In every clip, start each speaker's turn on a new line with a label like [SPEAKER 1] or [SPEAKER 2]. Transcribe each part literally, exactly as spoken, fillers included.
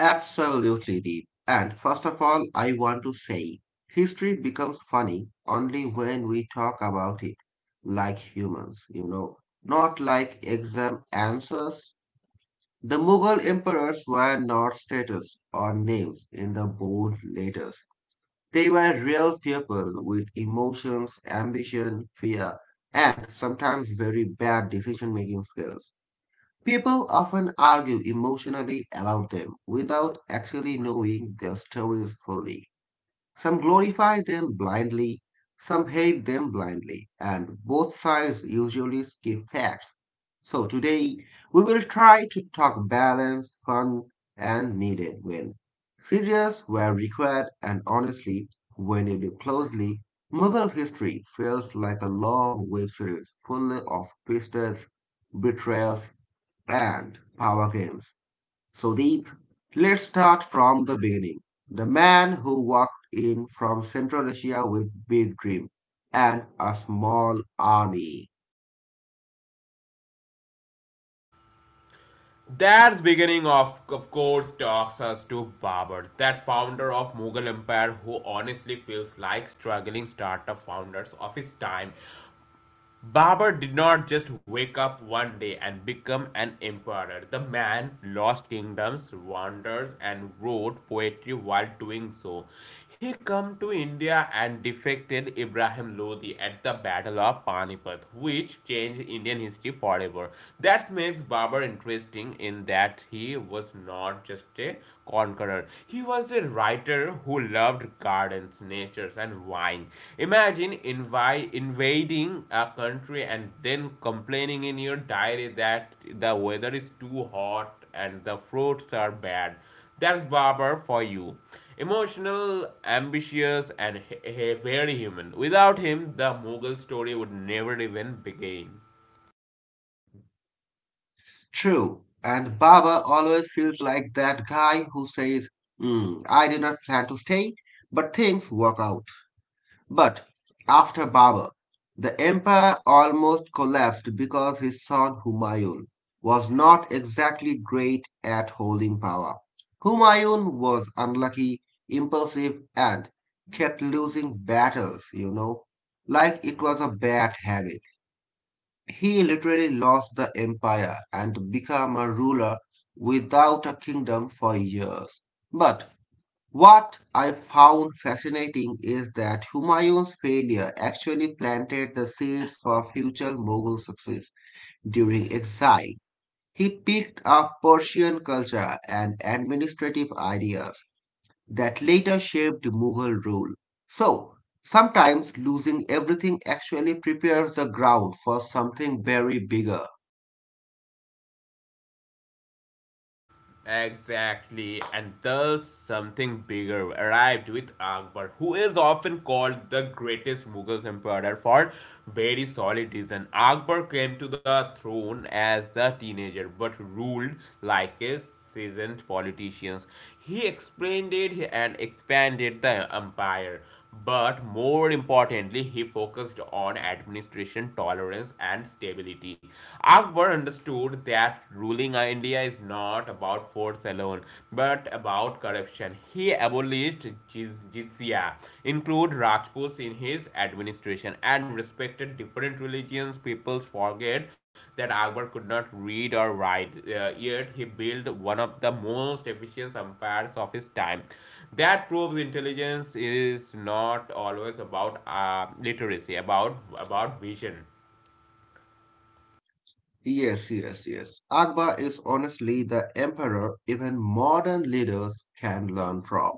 [SPEAKER 1] Absolutely, Deep. And first of all, I want to say history becomes funny only when we talk about it like humans, you know, not like exam answers. The Mughal emperors were not status or names in the bold letters. They were real people with emotions, ambition, fear, and sometimes very bad decision making skills. People often argue emotionally about them without actually knowing their stories fully. Some glorify them blindly, some hate them blindly, and both sides usually skip facts. So today, we will try to talk balance, fun, and needed when serious were required, and honestly, when you look closely, Mughal history feels like a long web series full of twists, betrayals, and power games. Sudeep, let's start from the beginning. The man who walked in from Central Asia with big dream and a small army.
[SPEAKER 2] That's beginning of, of course talks us to Babur, that founder of Mughal Empire who honestly feels like struggling startup founders of his time. Babur did not just wake up one day and become an emperor. The man lost kingdoms, wandered, and wrote poetry while doing so. He came to India and defeated Ibrahim Lodi at the Battle of Panipat, which changed Indian history forever. That makes Babur interesting in that he was not just a conqueror. He he was a writer who loved gardens, nature, and wine. Imagine invi- invading a country and then complaining in your diary that the weather is too hot and the fruits are bad. That's barber for you. Emotional, ambitious, and very human. Without him, the Mughal story would never even begin.
[SPEAKER 1] True, and Baba always feels like that guy who says, "Hmm, I did not plan to stay, but things work out." But after Babur, the empire almost collapsed because his son Humayun was not exactly great at holding power. Humayun was unlucky, impulsive, and kept losing battles, you know, like it was a bad habit. He literally lost the empire and became a ruler without a kingdom for years. But what I found fascinating is that Humayun's failure actually planted the seeds for future Mughal success. During exile, he picked up Persian culture and administrative ideas that later shaped Mughal rule. So, sometimes losing everything actually prepares the ground for something very bigger.
[SPEAKER 2] Exactly, and thus something bigger arrived with Akbar, who is often called the greatest Mughal emperor for very solid reason. Akbar came to the throne as a teenager but ruled like a seasoned politician. He expanded and expanded the empire, but more importantly, he focused on administration tolerance and stability. Akbar understood that ruling India is not about force alone, but about corruption. He abolished jizya, included Rajputs in his administration, and respected different religions. People forget that Akbar could not read or write, uh, yet he built one of the most efficient empires of his time that proves intelligence is not always about uh, literacy about about vision.
[SPEAKER 1] Yes, yes, yes. Akbar is honestly the emperor even modern leaders can learn from,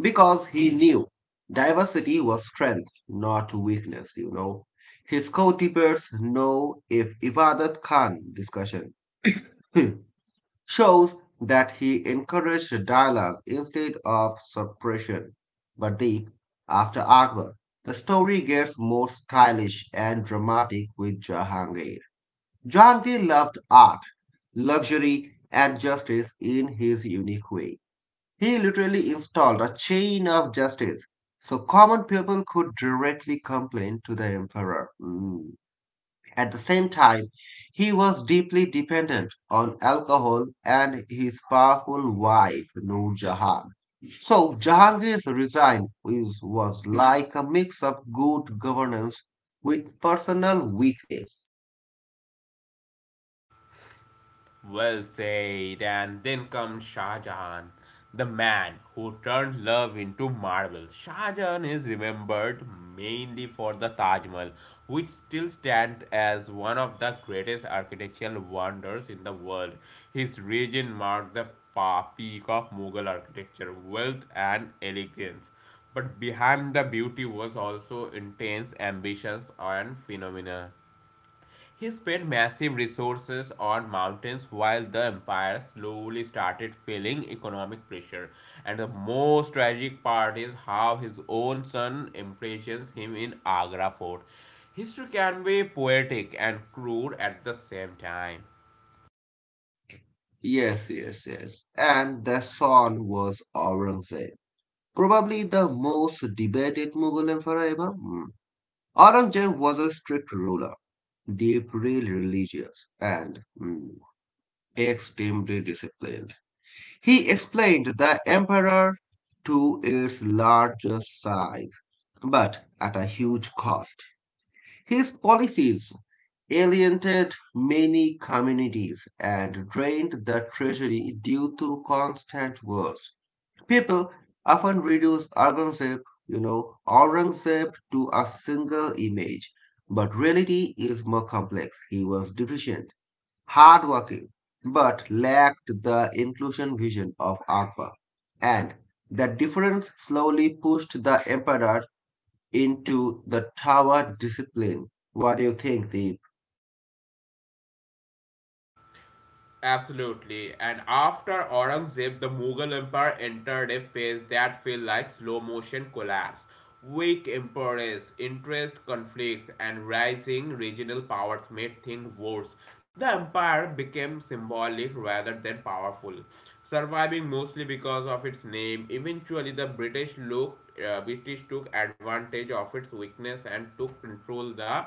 [SPEAKER 1] because he knew diversity was strength, not weakness, you know. His co-debaters know if Ibadat Khan discussion shows that he encouraged dialogue instead of suppression. But the after Akbar, the story gets more stylish and dramatic with Jahangir. Jahangir loved art, luxury, and justice in his unique way. He literally installed a chain of justice so common people could directly complain to the emperor. Mm. At the same time, he was deeply dependent on alcohol and his powerful wife, Noor Jahan. So, Jahangir's resign is, was like a mix of good governance with personal weakness.
[SPEAKER 2] Well said. And then comes Shah Jahan, the man who turned love into marble. Shah Jahan is remembered mainly for the Taj Mahal, which still stands as one of the greatest architectural wonders in the world. His reign marked the peak of Mughal architecture, wealth, and elegance. But behind the beauty was also intense ambitions and phenomena. He spent massive resources on mountains while the empire slowly started feeling economic pressure. And the most tragic part is how his own son imprisons him in Agra fort. History can be poetic and crude at the same time.
[SPEAKER 1] Yes, yes, yes. And the son was Aurangzeb. Probably the most debated Mughal emperor ever. Mm. Aurangzeb was a strict ruler, deeply religious, and mm, extremely disciplined. He explained the emperor to its larger size, but at a huge cost. His policies alienated many communities and drained the treasury due to constant wars. People often reduce Aurangzeb, you know, Aurangzeb to a single image, but reality is more complex. He was deficient, hardworking, but lacked the inclusion vision of Akbar. And the difference slowly pushed the emperor into the tower discipline. What do you think, Deep?
[SPEAKER 2] Absolutely. And after Aurangzeb, the Mughal Empire entered a phase that felt like slow motion collapse. Weak emperors, interest conflicts, and rising regional powers made things worse. The empire became symbolic rather than powerful, surviving mostly because of its name. Eventually, the British looked, uh, British took advantage of its weakness and took control the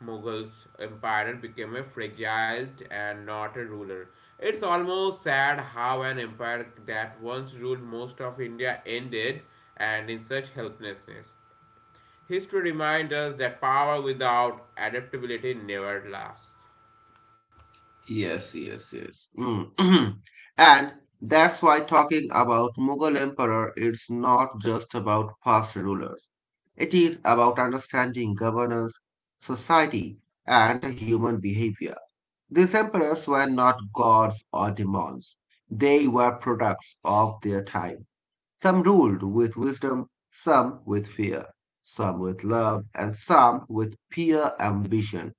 [SPEAKER 2] Mughals empire became a fragile and not a ruler. It's almost sad how an empire that once ruled most of India ended and in such helplessness. History reminds us that power without adaptability never lasts.
[SPEAKER 1] Yes,
[SPEAKER 2] Yeah.
[SPEAKER 1] yes, yes. Mm. And that's why talking about Mughal emperor it's not just about past rulers. It is about understanding governance, society, and human behavior. These emperors were not gods or demons. They were products of their time. Some ruled with wisdom, some with fear, some with love, and some with pure ambition.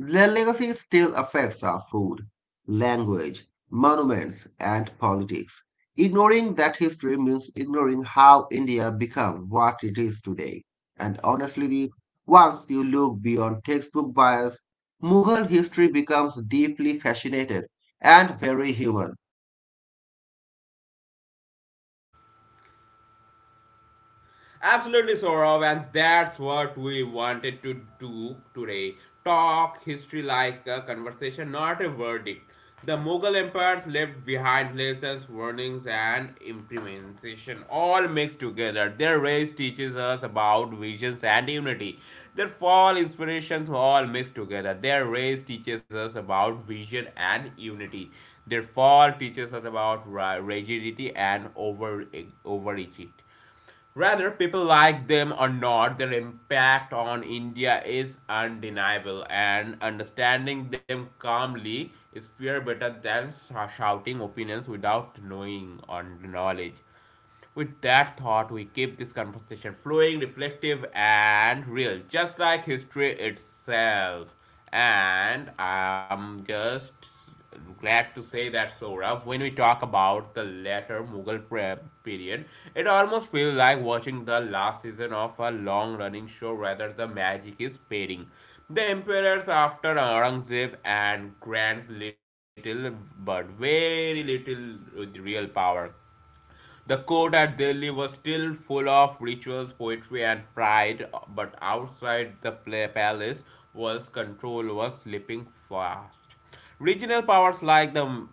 [SPEAKER 1] Their legacy still affects our food, language, monuments, and politics. Ignoring that history means ignoring how India became what it is today. And honestly, once you look beyond textbook bias, Mughal history becomes deeply fascinated and very human.
[SPEAKER 2] Absolutely, Saurav, and that's what we wanted to do today. Talk history like a conversation, not a verdict. The Mughal empires left behind lessons, warnings, and implementation, all mixed together. Their rise teaches us about visions and unity. Their fall inspirations, all mixed together. Their rise teaches us about vision and unity. Their fall teaches us about rigidity and over overreaching. Whether people like them or not, their impact on India is undeniable, and understanding them calmly is far better than shouting opinions without knowing or knowledge. With that thought, we keep this conversation flowing, reflective, and real, just like history itself. And I'm just glad to say that, Sourav, when we talk about the later Mughal period, it almost feels like watching the last season of a long running show, rather, the magic is fading. The emperors after Aurangzeb and grant little but very little with real power. The court at Delhi was still full of rituals, poetry, and pride, but outside the palace was control was slipping fast. Regional powers like the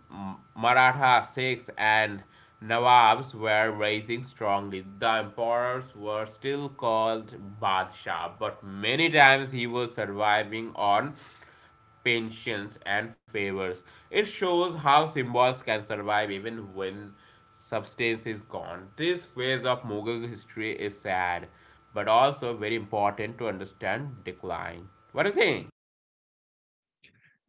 [SPEAKER 2] Maratha Sikhs and Nawabs were rising strongly. The emperors were still called Badshah, but many times he was surviving on pensions, and favors. It shows how symbols can survive even when substance is gone. This phase of Mughal history is sad, but also very important to understand decline. What do you think?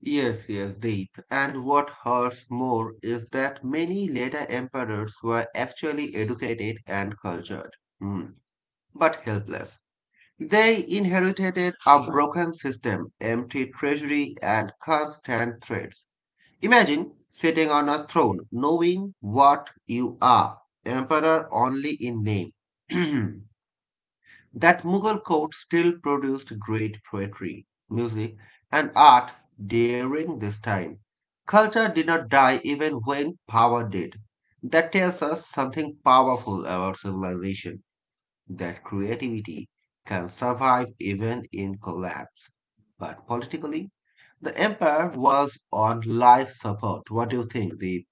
[SPEAKER 1] Yes, yes, Deep. And what hurts more is that many later emperors were actually educated and cultured, Hmm, but helpless. They inherited a broken system, empty treasury, and constant threats. Imagine sitting on a throne knowing what you are, emperor only in name. That Mughal court still produced great poetry, music, and art during this time. Culture did not die even when power did. That tells us something powerful about civilization that creativity can survive even in collapse. But politically, the empire was on life support. What do you think, Deep?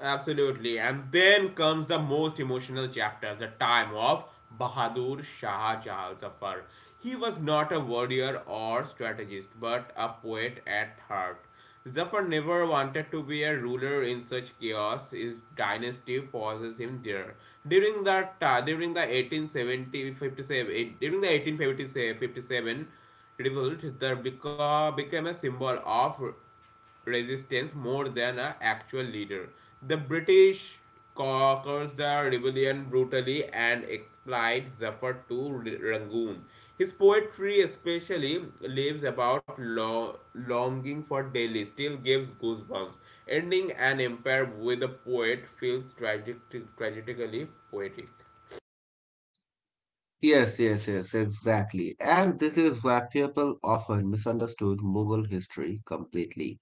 [SPEAKER 2] Absolutely. And then comes the most emotional chapter, the time of Bahadur Shah Jahan Zafar. He was not a warrior or strategist, but a poet at heart. Zafar never wanted to be a ruler in such chaos. His dynasty pauses him there. During that, uh, during the eighteen seventy, During the eighteen fifty-seven revolt, there beca- became a symbol of resistance more than an actual leader. The British conquers the rebellion brutally and exploits Zafar to R- Rangoon. His poetry, especially, lives about lo- longing for Delhi, still gives goosebumps. Ending an empire with a poet feels tragic- tragically poetic.
[SPEAKER 1] Yes, yes, yes, exactly. And this is where people often misunderstood Mughal history completely.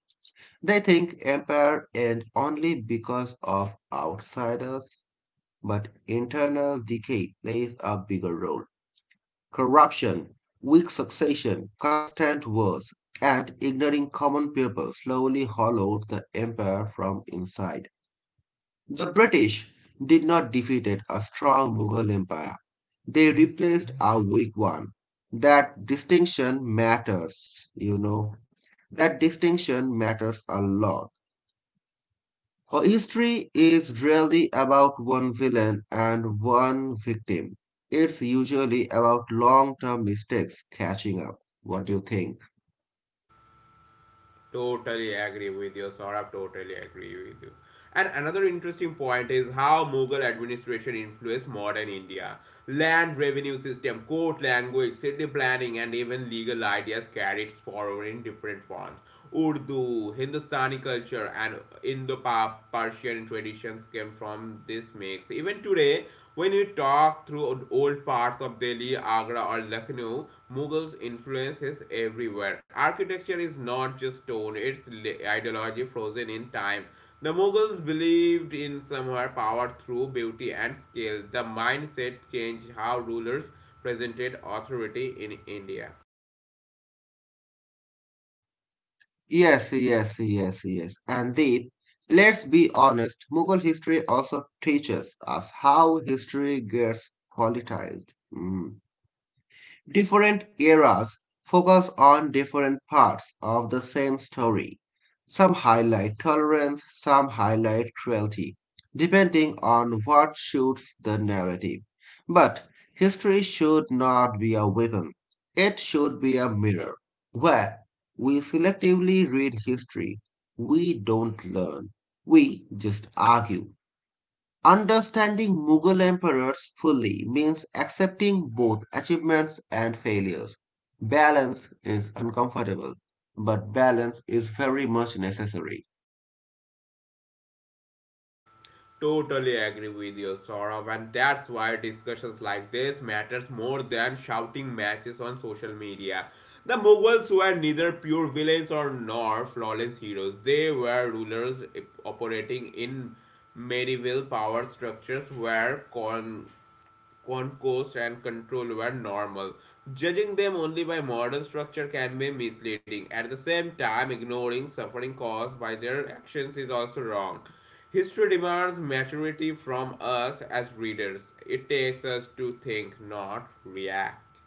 [SPEAKER 1] They think empire end only because of outsiders, but internal decay plays a bigger role. Corruption, weak succession, constant wars, and ignoring common people slowly hollowed the empire from inside. The British did not defeat a strong Mughal empire, they replaced a weak one. That distinction matters, you know. That distinction matters a lot. Her history is really about one villain and one victim. It's usually about long term mistakes catching up. What do you think?
[SPEAKER 2] Totally agree with you, Saurabh. Totally agree with you. And another interesting point is how Mughal administration influenced modern India. Land revenue system, court language, city planning, and even legal ideas carried forward in different forms. Urdu, Hindustani culture, and Indo-Persian traditions came from this mix. Even today, when you talk through old parts of Delhi, Agra, or Lucknow, Mughals' influence is everywhere. Architecture is not just stone, it's ideology frozen in time. The Mughals believed in somehow power through beauty and skill. The mindset changed how rulers presented authority in India.
[SPEAKER 1] Yes, yes, yes, yes. And Deep, let's be honest, Mughal history also teaches us how history gets politicized. Mm. Different eras focus on different parts of the same story. Some highlight tolerance, some highlight cruelty, depending on what suits the narrative. But history should not be a weapon, it should be a mirror. Where we selectively read history, we don't learn, we just argue. Understanding Mughal emperors fully means accepting both achievements and failures. Balance is uncomfortable, but balance is very much necessary.
[SPEAKER 2] Totally agree with you, Saurabh, and that's why discussions like this matters more than shouting matches on social media. The Mughals were neither pure villains or nor flawless heroes. They were rulers operating in medieval power structures where con- concourse and control were normal. Judging them only by modern structure can be misleading. At the same time, ignoring suffering caused by their actions is also wrong. History demands maturity from us as readers. It takes us to think, not react.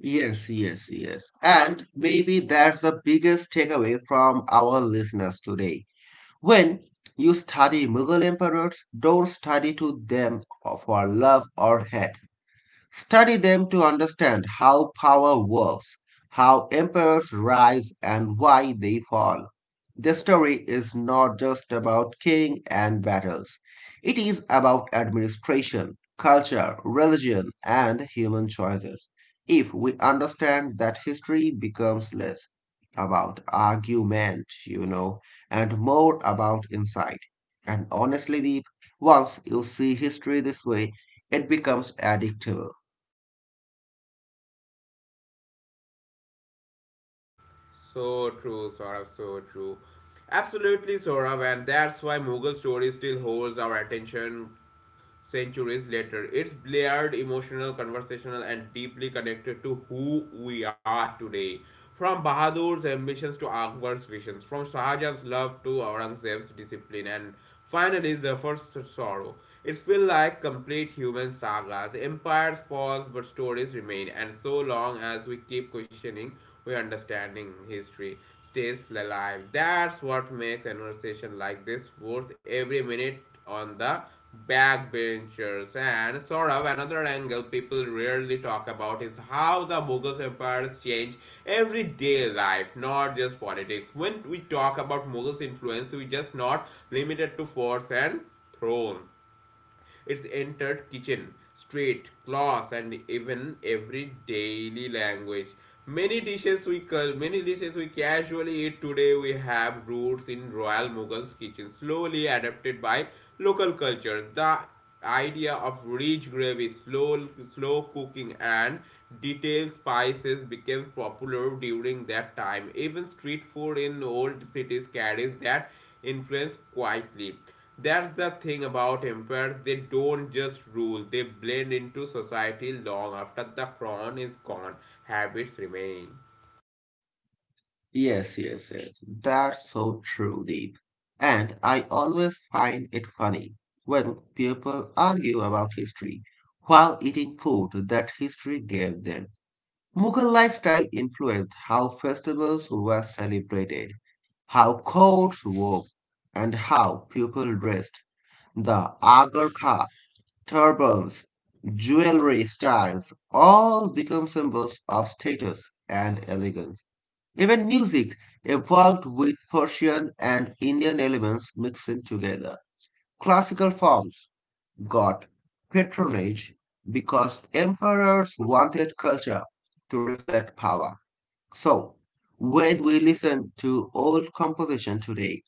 [SPEAKER 1] Yes, yes, yes. And maybe that's the biggest takeaway from our listeners today. When you study Mughal emperors, don't study to them for love or hate. Study them to understand how power works, how empires rise, and why they fall. The story is not just about king and battles. It is about administration, culture, religion, and human choices. If we understand that history becomes less about argument, you know, and more about insight. And honestly, Deep, once you see history this way, it becomes addictive.
[SPEAKER 2] So true, Saurav, so true. Absolutely, Saurav, and that's why Mughal story still holds our attention centuries later. It's layered, emotional, conversational, and deeply connected to who we are today. From Bahadur's ambitions to Akbar's visions, from Shahjahan's love to Aurangzeb's discipline, and finally Zafar's sorrow. It feels like complete human sagas. Empires fall, but stories remain, and so long as we keep questioning, we understanding history stays alive. That's what makes a conversation like this worth every minute on the backbenchers. And sort of another angle people rarely talk about is how the Mughal empires change everyday life, not just politics. When we talk about Mughals influence, we just not limited to force and throne. It's entered kitchen, street, class, and even every daily language. Many dishes we cul- many dishes we casually eat today we have roots in Royal Mughal's kitchen, slowly adapted by local culture. The idea of rich gravy, slow slow cooking, and detailed spices became popular during that time. Even street food in old cities carries that influence quietly. That's the thing about empires, they don't just rule, they blend into society long after the crown is gone, habits remain.
[SPEAKER 1] Yes, yes, yes. That's so true, Deep. And I always find it funny when people argue about history while eating food that history gave them. Mughal lifestyle influenced how festivals were celebrated, how courts wore, and how people dressed. The agharka, turbans, jewelry styles all become symbols of status and elegance. Even music evolved with Persian and Indian elements mixing together. Classical forms got patronage because emperors wanted culture to reflect power. So, when we listen to old composition today,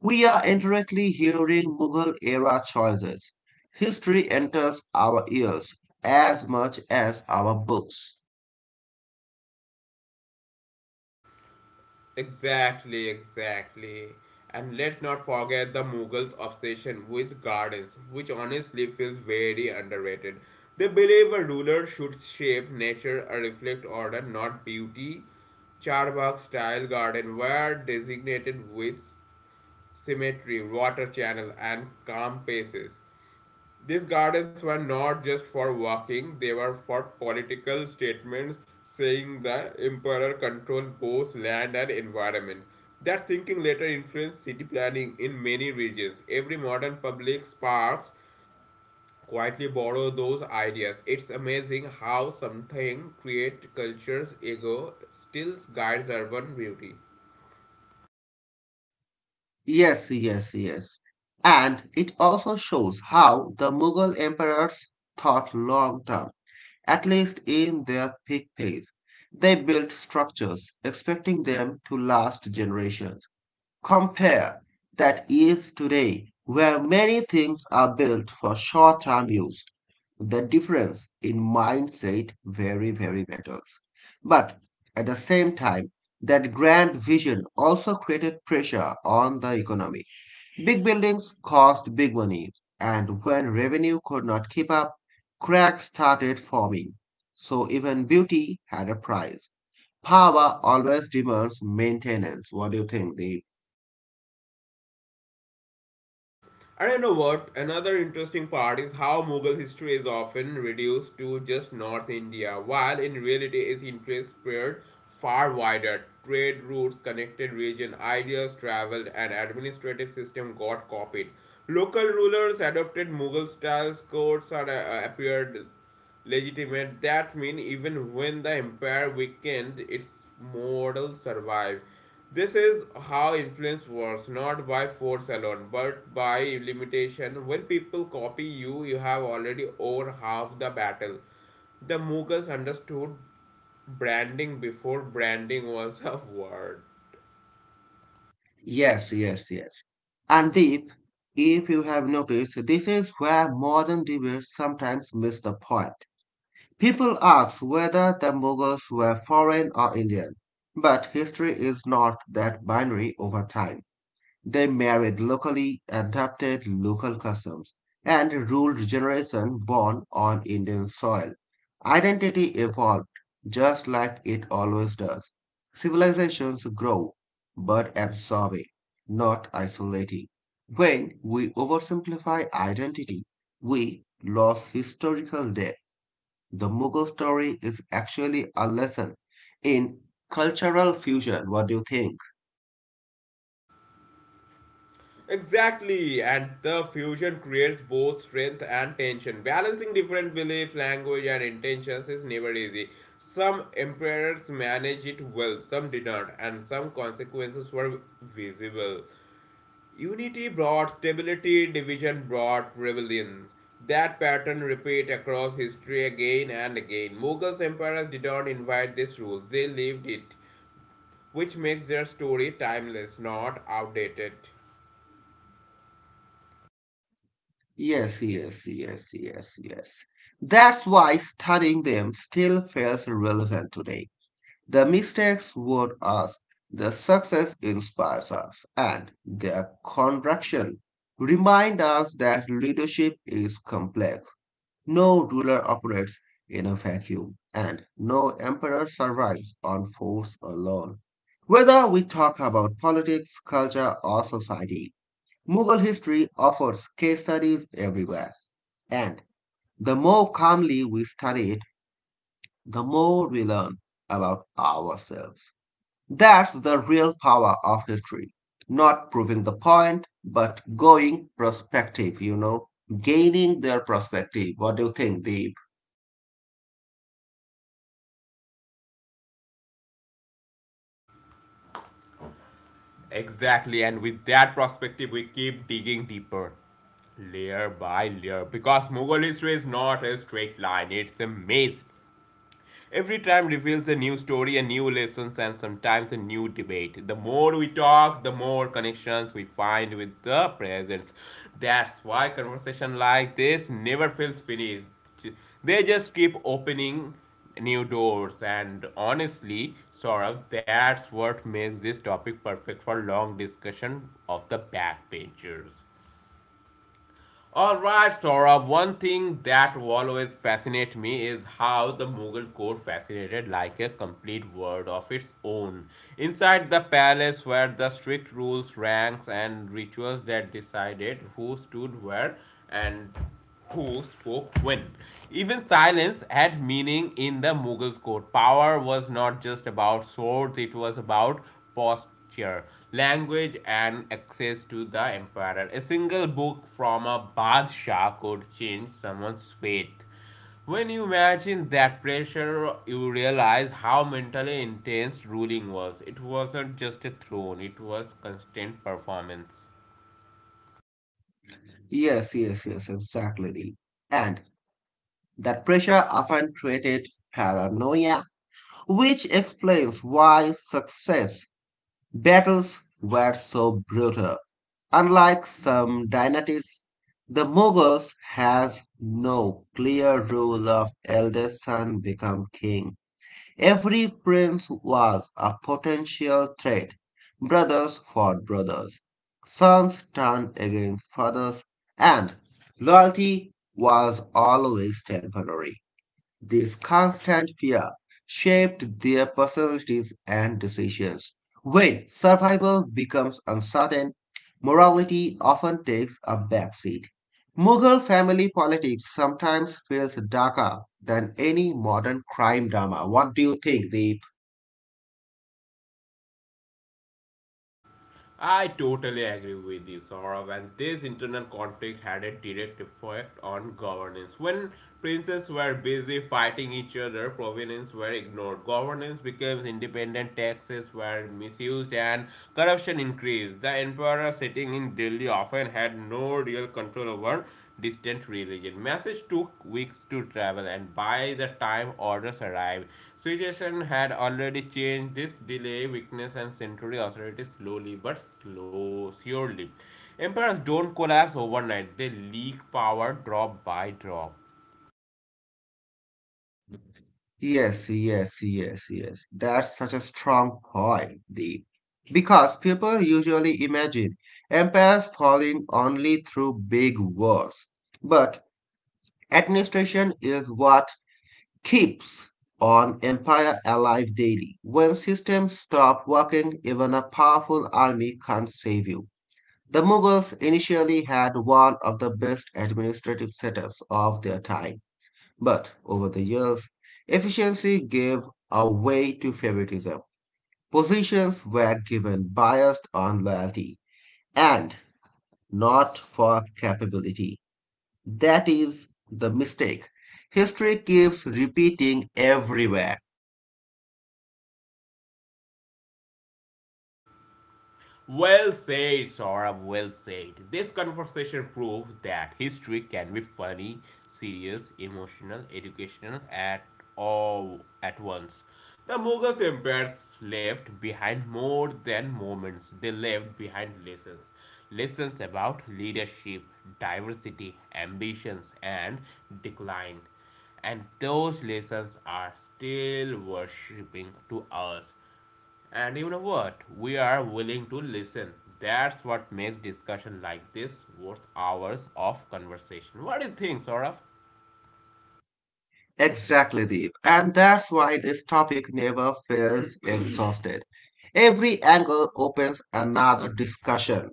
[SPEAKER 1] we are indirectly hearing Mughal era choices. History enters our ears as much as our books.
[SPEAKER 2] Exactly, exactly. And let's not forget the Mughals' obsession with gardens, which honestly feels very underrated. They believe a ruler should shape nature, a reflect order, not beauty. Charbagh style garden were designated with symmetry, water channel, and calm paces. These gardens were not just for walking, they were for political statements saying the emperor controlled both land and environment. That thinking later influenced city planning in many regions. Every modern public parks quietly borrow those ideas. It's amazing how something create culture's ego still guides urban beauty.
[SPEAKER 1] Yes, yes, yes. And it also shows how the Mughal emperors thought long term, at least in their peak phase. They built structures expecting them to last generations. Compare that is today, where many things are built for short term use. The difference in mindset very, very matters. But at the same time, that grand vision also created pressure on the economy. Big buildings cost big money, and when revenue could not keep up, cracks started forming. So even beauty had a price. Power always demands maintenance. What do you think, Deep?
[SPEAKER 2] And you know what? Another interesting part is how Mughal history is often reduced to just North India, while in reality its interest spread far wider. Trade routes connected region, ideas traveled, and administrative system got copied. Local rulers adopted Mughal styles, courts are, uh, appeared legitimate that means even when the empire weakened its model survived. This is how influence works, not by force alone but by limitation. When people copy you, you have already over half the battle. The Mughals understood branding before branding was a word.
[SPEAKER 1] Yes, yes, yes. And Deep, if you have noticed, this is where modern debates sometimes miss the point. People ask whether the Mughals were foreign or Indian, but history is not that binary over time. They married locally, adapted local customs, and ruled generations born on Indian soil. Identity evolved, just like it always does. Civilizations grow, but absorbing, not isolating. When we oversimplify identity, we lose historical depth. The Mughal story is actually a lesson in cultural fusion. What do you think?
[SPEAKER 2] Exactly, and the fusion creates both strength and tension. Balancing different belief, language, and intentions is never easy. Some emperors managed it well, some did not, and some consequences were visible. Unity brought stability, division brought rebellion. That pattern repeat across history again and again. Mughals emperors did not invite these rules; they lived it, which makes their story timeless, not outdated.
[SPEAKER 1] Yes, yes, yes, yes, yes. That's why studying them still feels relevant today. The mistakes warn us, the success inspires us, and their contraction remind us that leadership is complex. No ruler operates in a vacuum, and no emperor survives on force alone. Whether we talk about politics, culture, or society, Mughal history offers case studies everywhere, and the more calmly we study it, the more we learn about ourselves. That's the real power of history. Not proving the point, but going prospective. you know, gaining their perspective. What do you think, Deep?
[SPEAKER 2] Exactly, and with that perspective, we keep digging deeper, layer by layer, because Mughal history is not a straight line, it's a maze every time reveals a new story, a new lessons, and sometimes a new debate. The more we talk, the more connections we find with the presence. That's why conversation like this never feels finished. They just keep opening new doors and honestly Saurabh, that's what makes this topic perfect for long discussion of the backbenchers. Alright, Saurabh, one thing that will always fascinate me is how the Mughal court fascinated like a complete world of its own. Inside the palace were the strict rules, ranks, and rituals that decided who stood where and who spoke when. Even silence had meaning in the Mughals' court. Power was not just about swords, it was about posture, language, and access to the emperor. A single book from a Badshah could change someone's fate. When you imagine that pressure, you realize how mentally intense ruling was. It wasn't just a throne, it was constant performance.
[SPEAKER 1] Yes, yes, yes, exactly, Deep. And that pressure often created paranoia, which explains why success battles were so brutal. Unlike some dynasties, the Mughals has no clear rule of eldest son become king. Every prince was a potential threat. Brothers fought brothers. Sons turned against fathers and loyalty was always temporary. This constant fear shaped their personalities and decisions. When survival becomes uncertain, morality often takes a backseat. Mughal family politics sometimes feels darker than any modern crime drama. What do you think, Deep?
[SPEAKER 2] I totally agree with you, Saurav, and this internal conflict had a direct effect on governance. When princes were busy fighting each other, provinces were ignored. Governance became independent, taxes were misused, and corruption increased. The emperor sitting in Delhi often had no real control over distant religion. Message took weeks to travel, and by the time orders arrived, situation had already changed. This delay, weakness, and century authority slowly but slow, surely. Emperors don't collapse overnight; they leak power drop by drop.
[SPEAKER 1] Yes, yes, yes, yes. That's such a strong point, Deep. Because people usually imagine empires falling only through big wars. But administration is what keeps an empire alive daily. When systems stop working, even a powerful army can't save you. The Mughals initially had one of the best administrative setups of their time, but over the years, efficiency gave a way to favoritism. Positions were given biased on loyalty and not for capability. That is the mistake. History keeps repeating everywhere.
[SPEAKER 2] Well said, Saurabh, well said. This conversation proves that history can be funny, serious, emotional, educational at all at once. The Mughals empires left behind more than moments, they left behind lessons. Lessons about leadership, diversity, ambitions, and decline. And those lessons are still worshipping to us. And you know what? We are willing to listen. That's what makes discussion like this worth hours of conversation. What do you think, Saurav?
[SPEAKER 1] Exactly, Deep. And that's why this topic never feels exhausted. Every angle opens another discussion.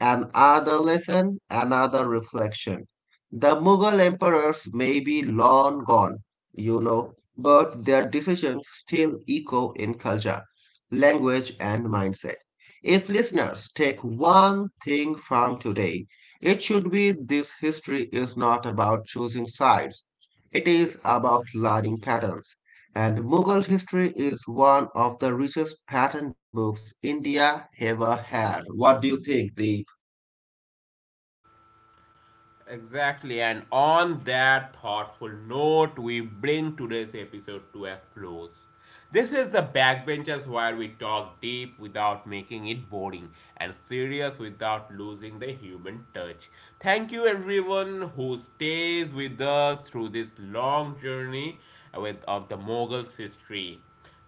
[SPEAKER 1] Another lesson, another reflection. The Mughal emperors may be long gone, you know, but their decisions still echo in culture, language, and mindset. If listeners take one thing from today, it should be this history is not about choosing sides. It is about learning patterns. And Mughal history is one of the richest pattern books India ever had. What do you think, the
[SPEAKER 2] Exactly, and on that thoughtful note, we bring today's episode to a close. This is the backbenchers where we talk deep without making it boring and serious without losing the human touch. Thank you everyone who stays with us through this long journey with of the Mughals history.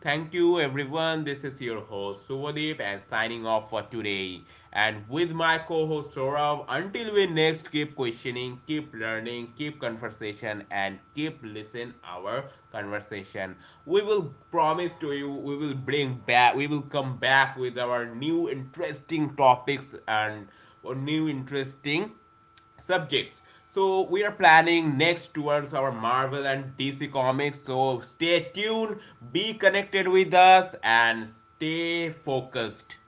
[SPEAKER 2] Thank you, everyone. This is your host Suvadeep and signing off for today. And with my co host Saurav, until we next keep questioning, keep learning, keep conversation, and keep listen our conversation. We will promise to you, We will bring back, we will come back with our new interesting topics and or new interesting subjects. So we are planning next towards our Marvel and D C comics. So stay tuned, be connected with us, and stay focused.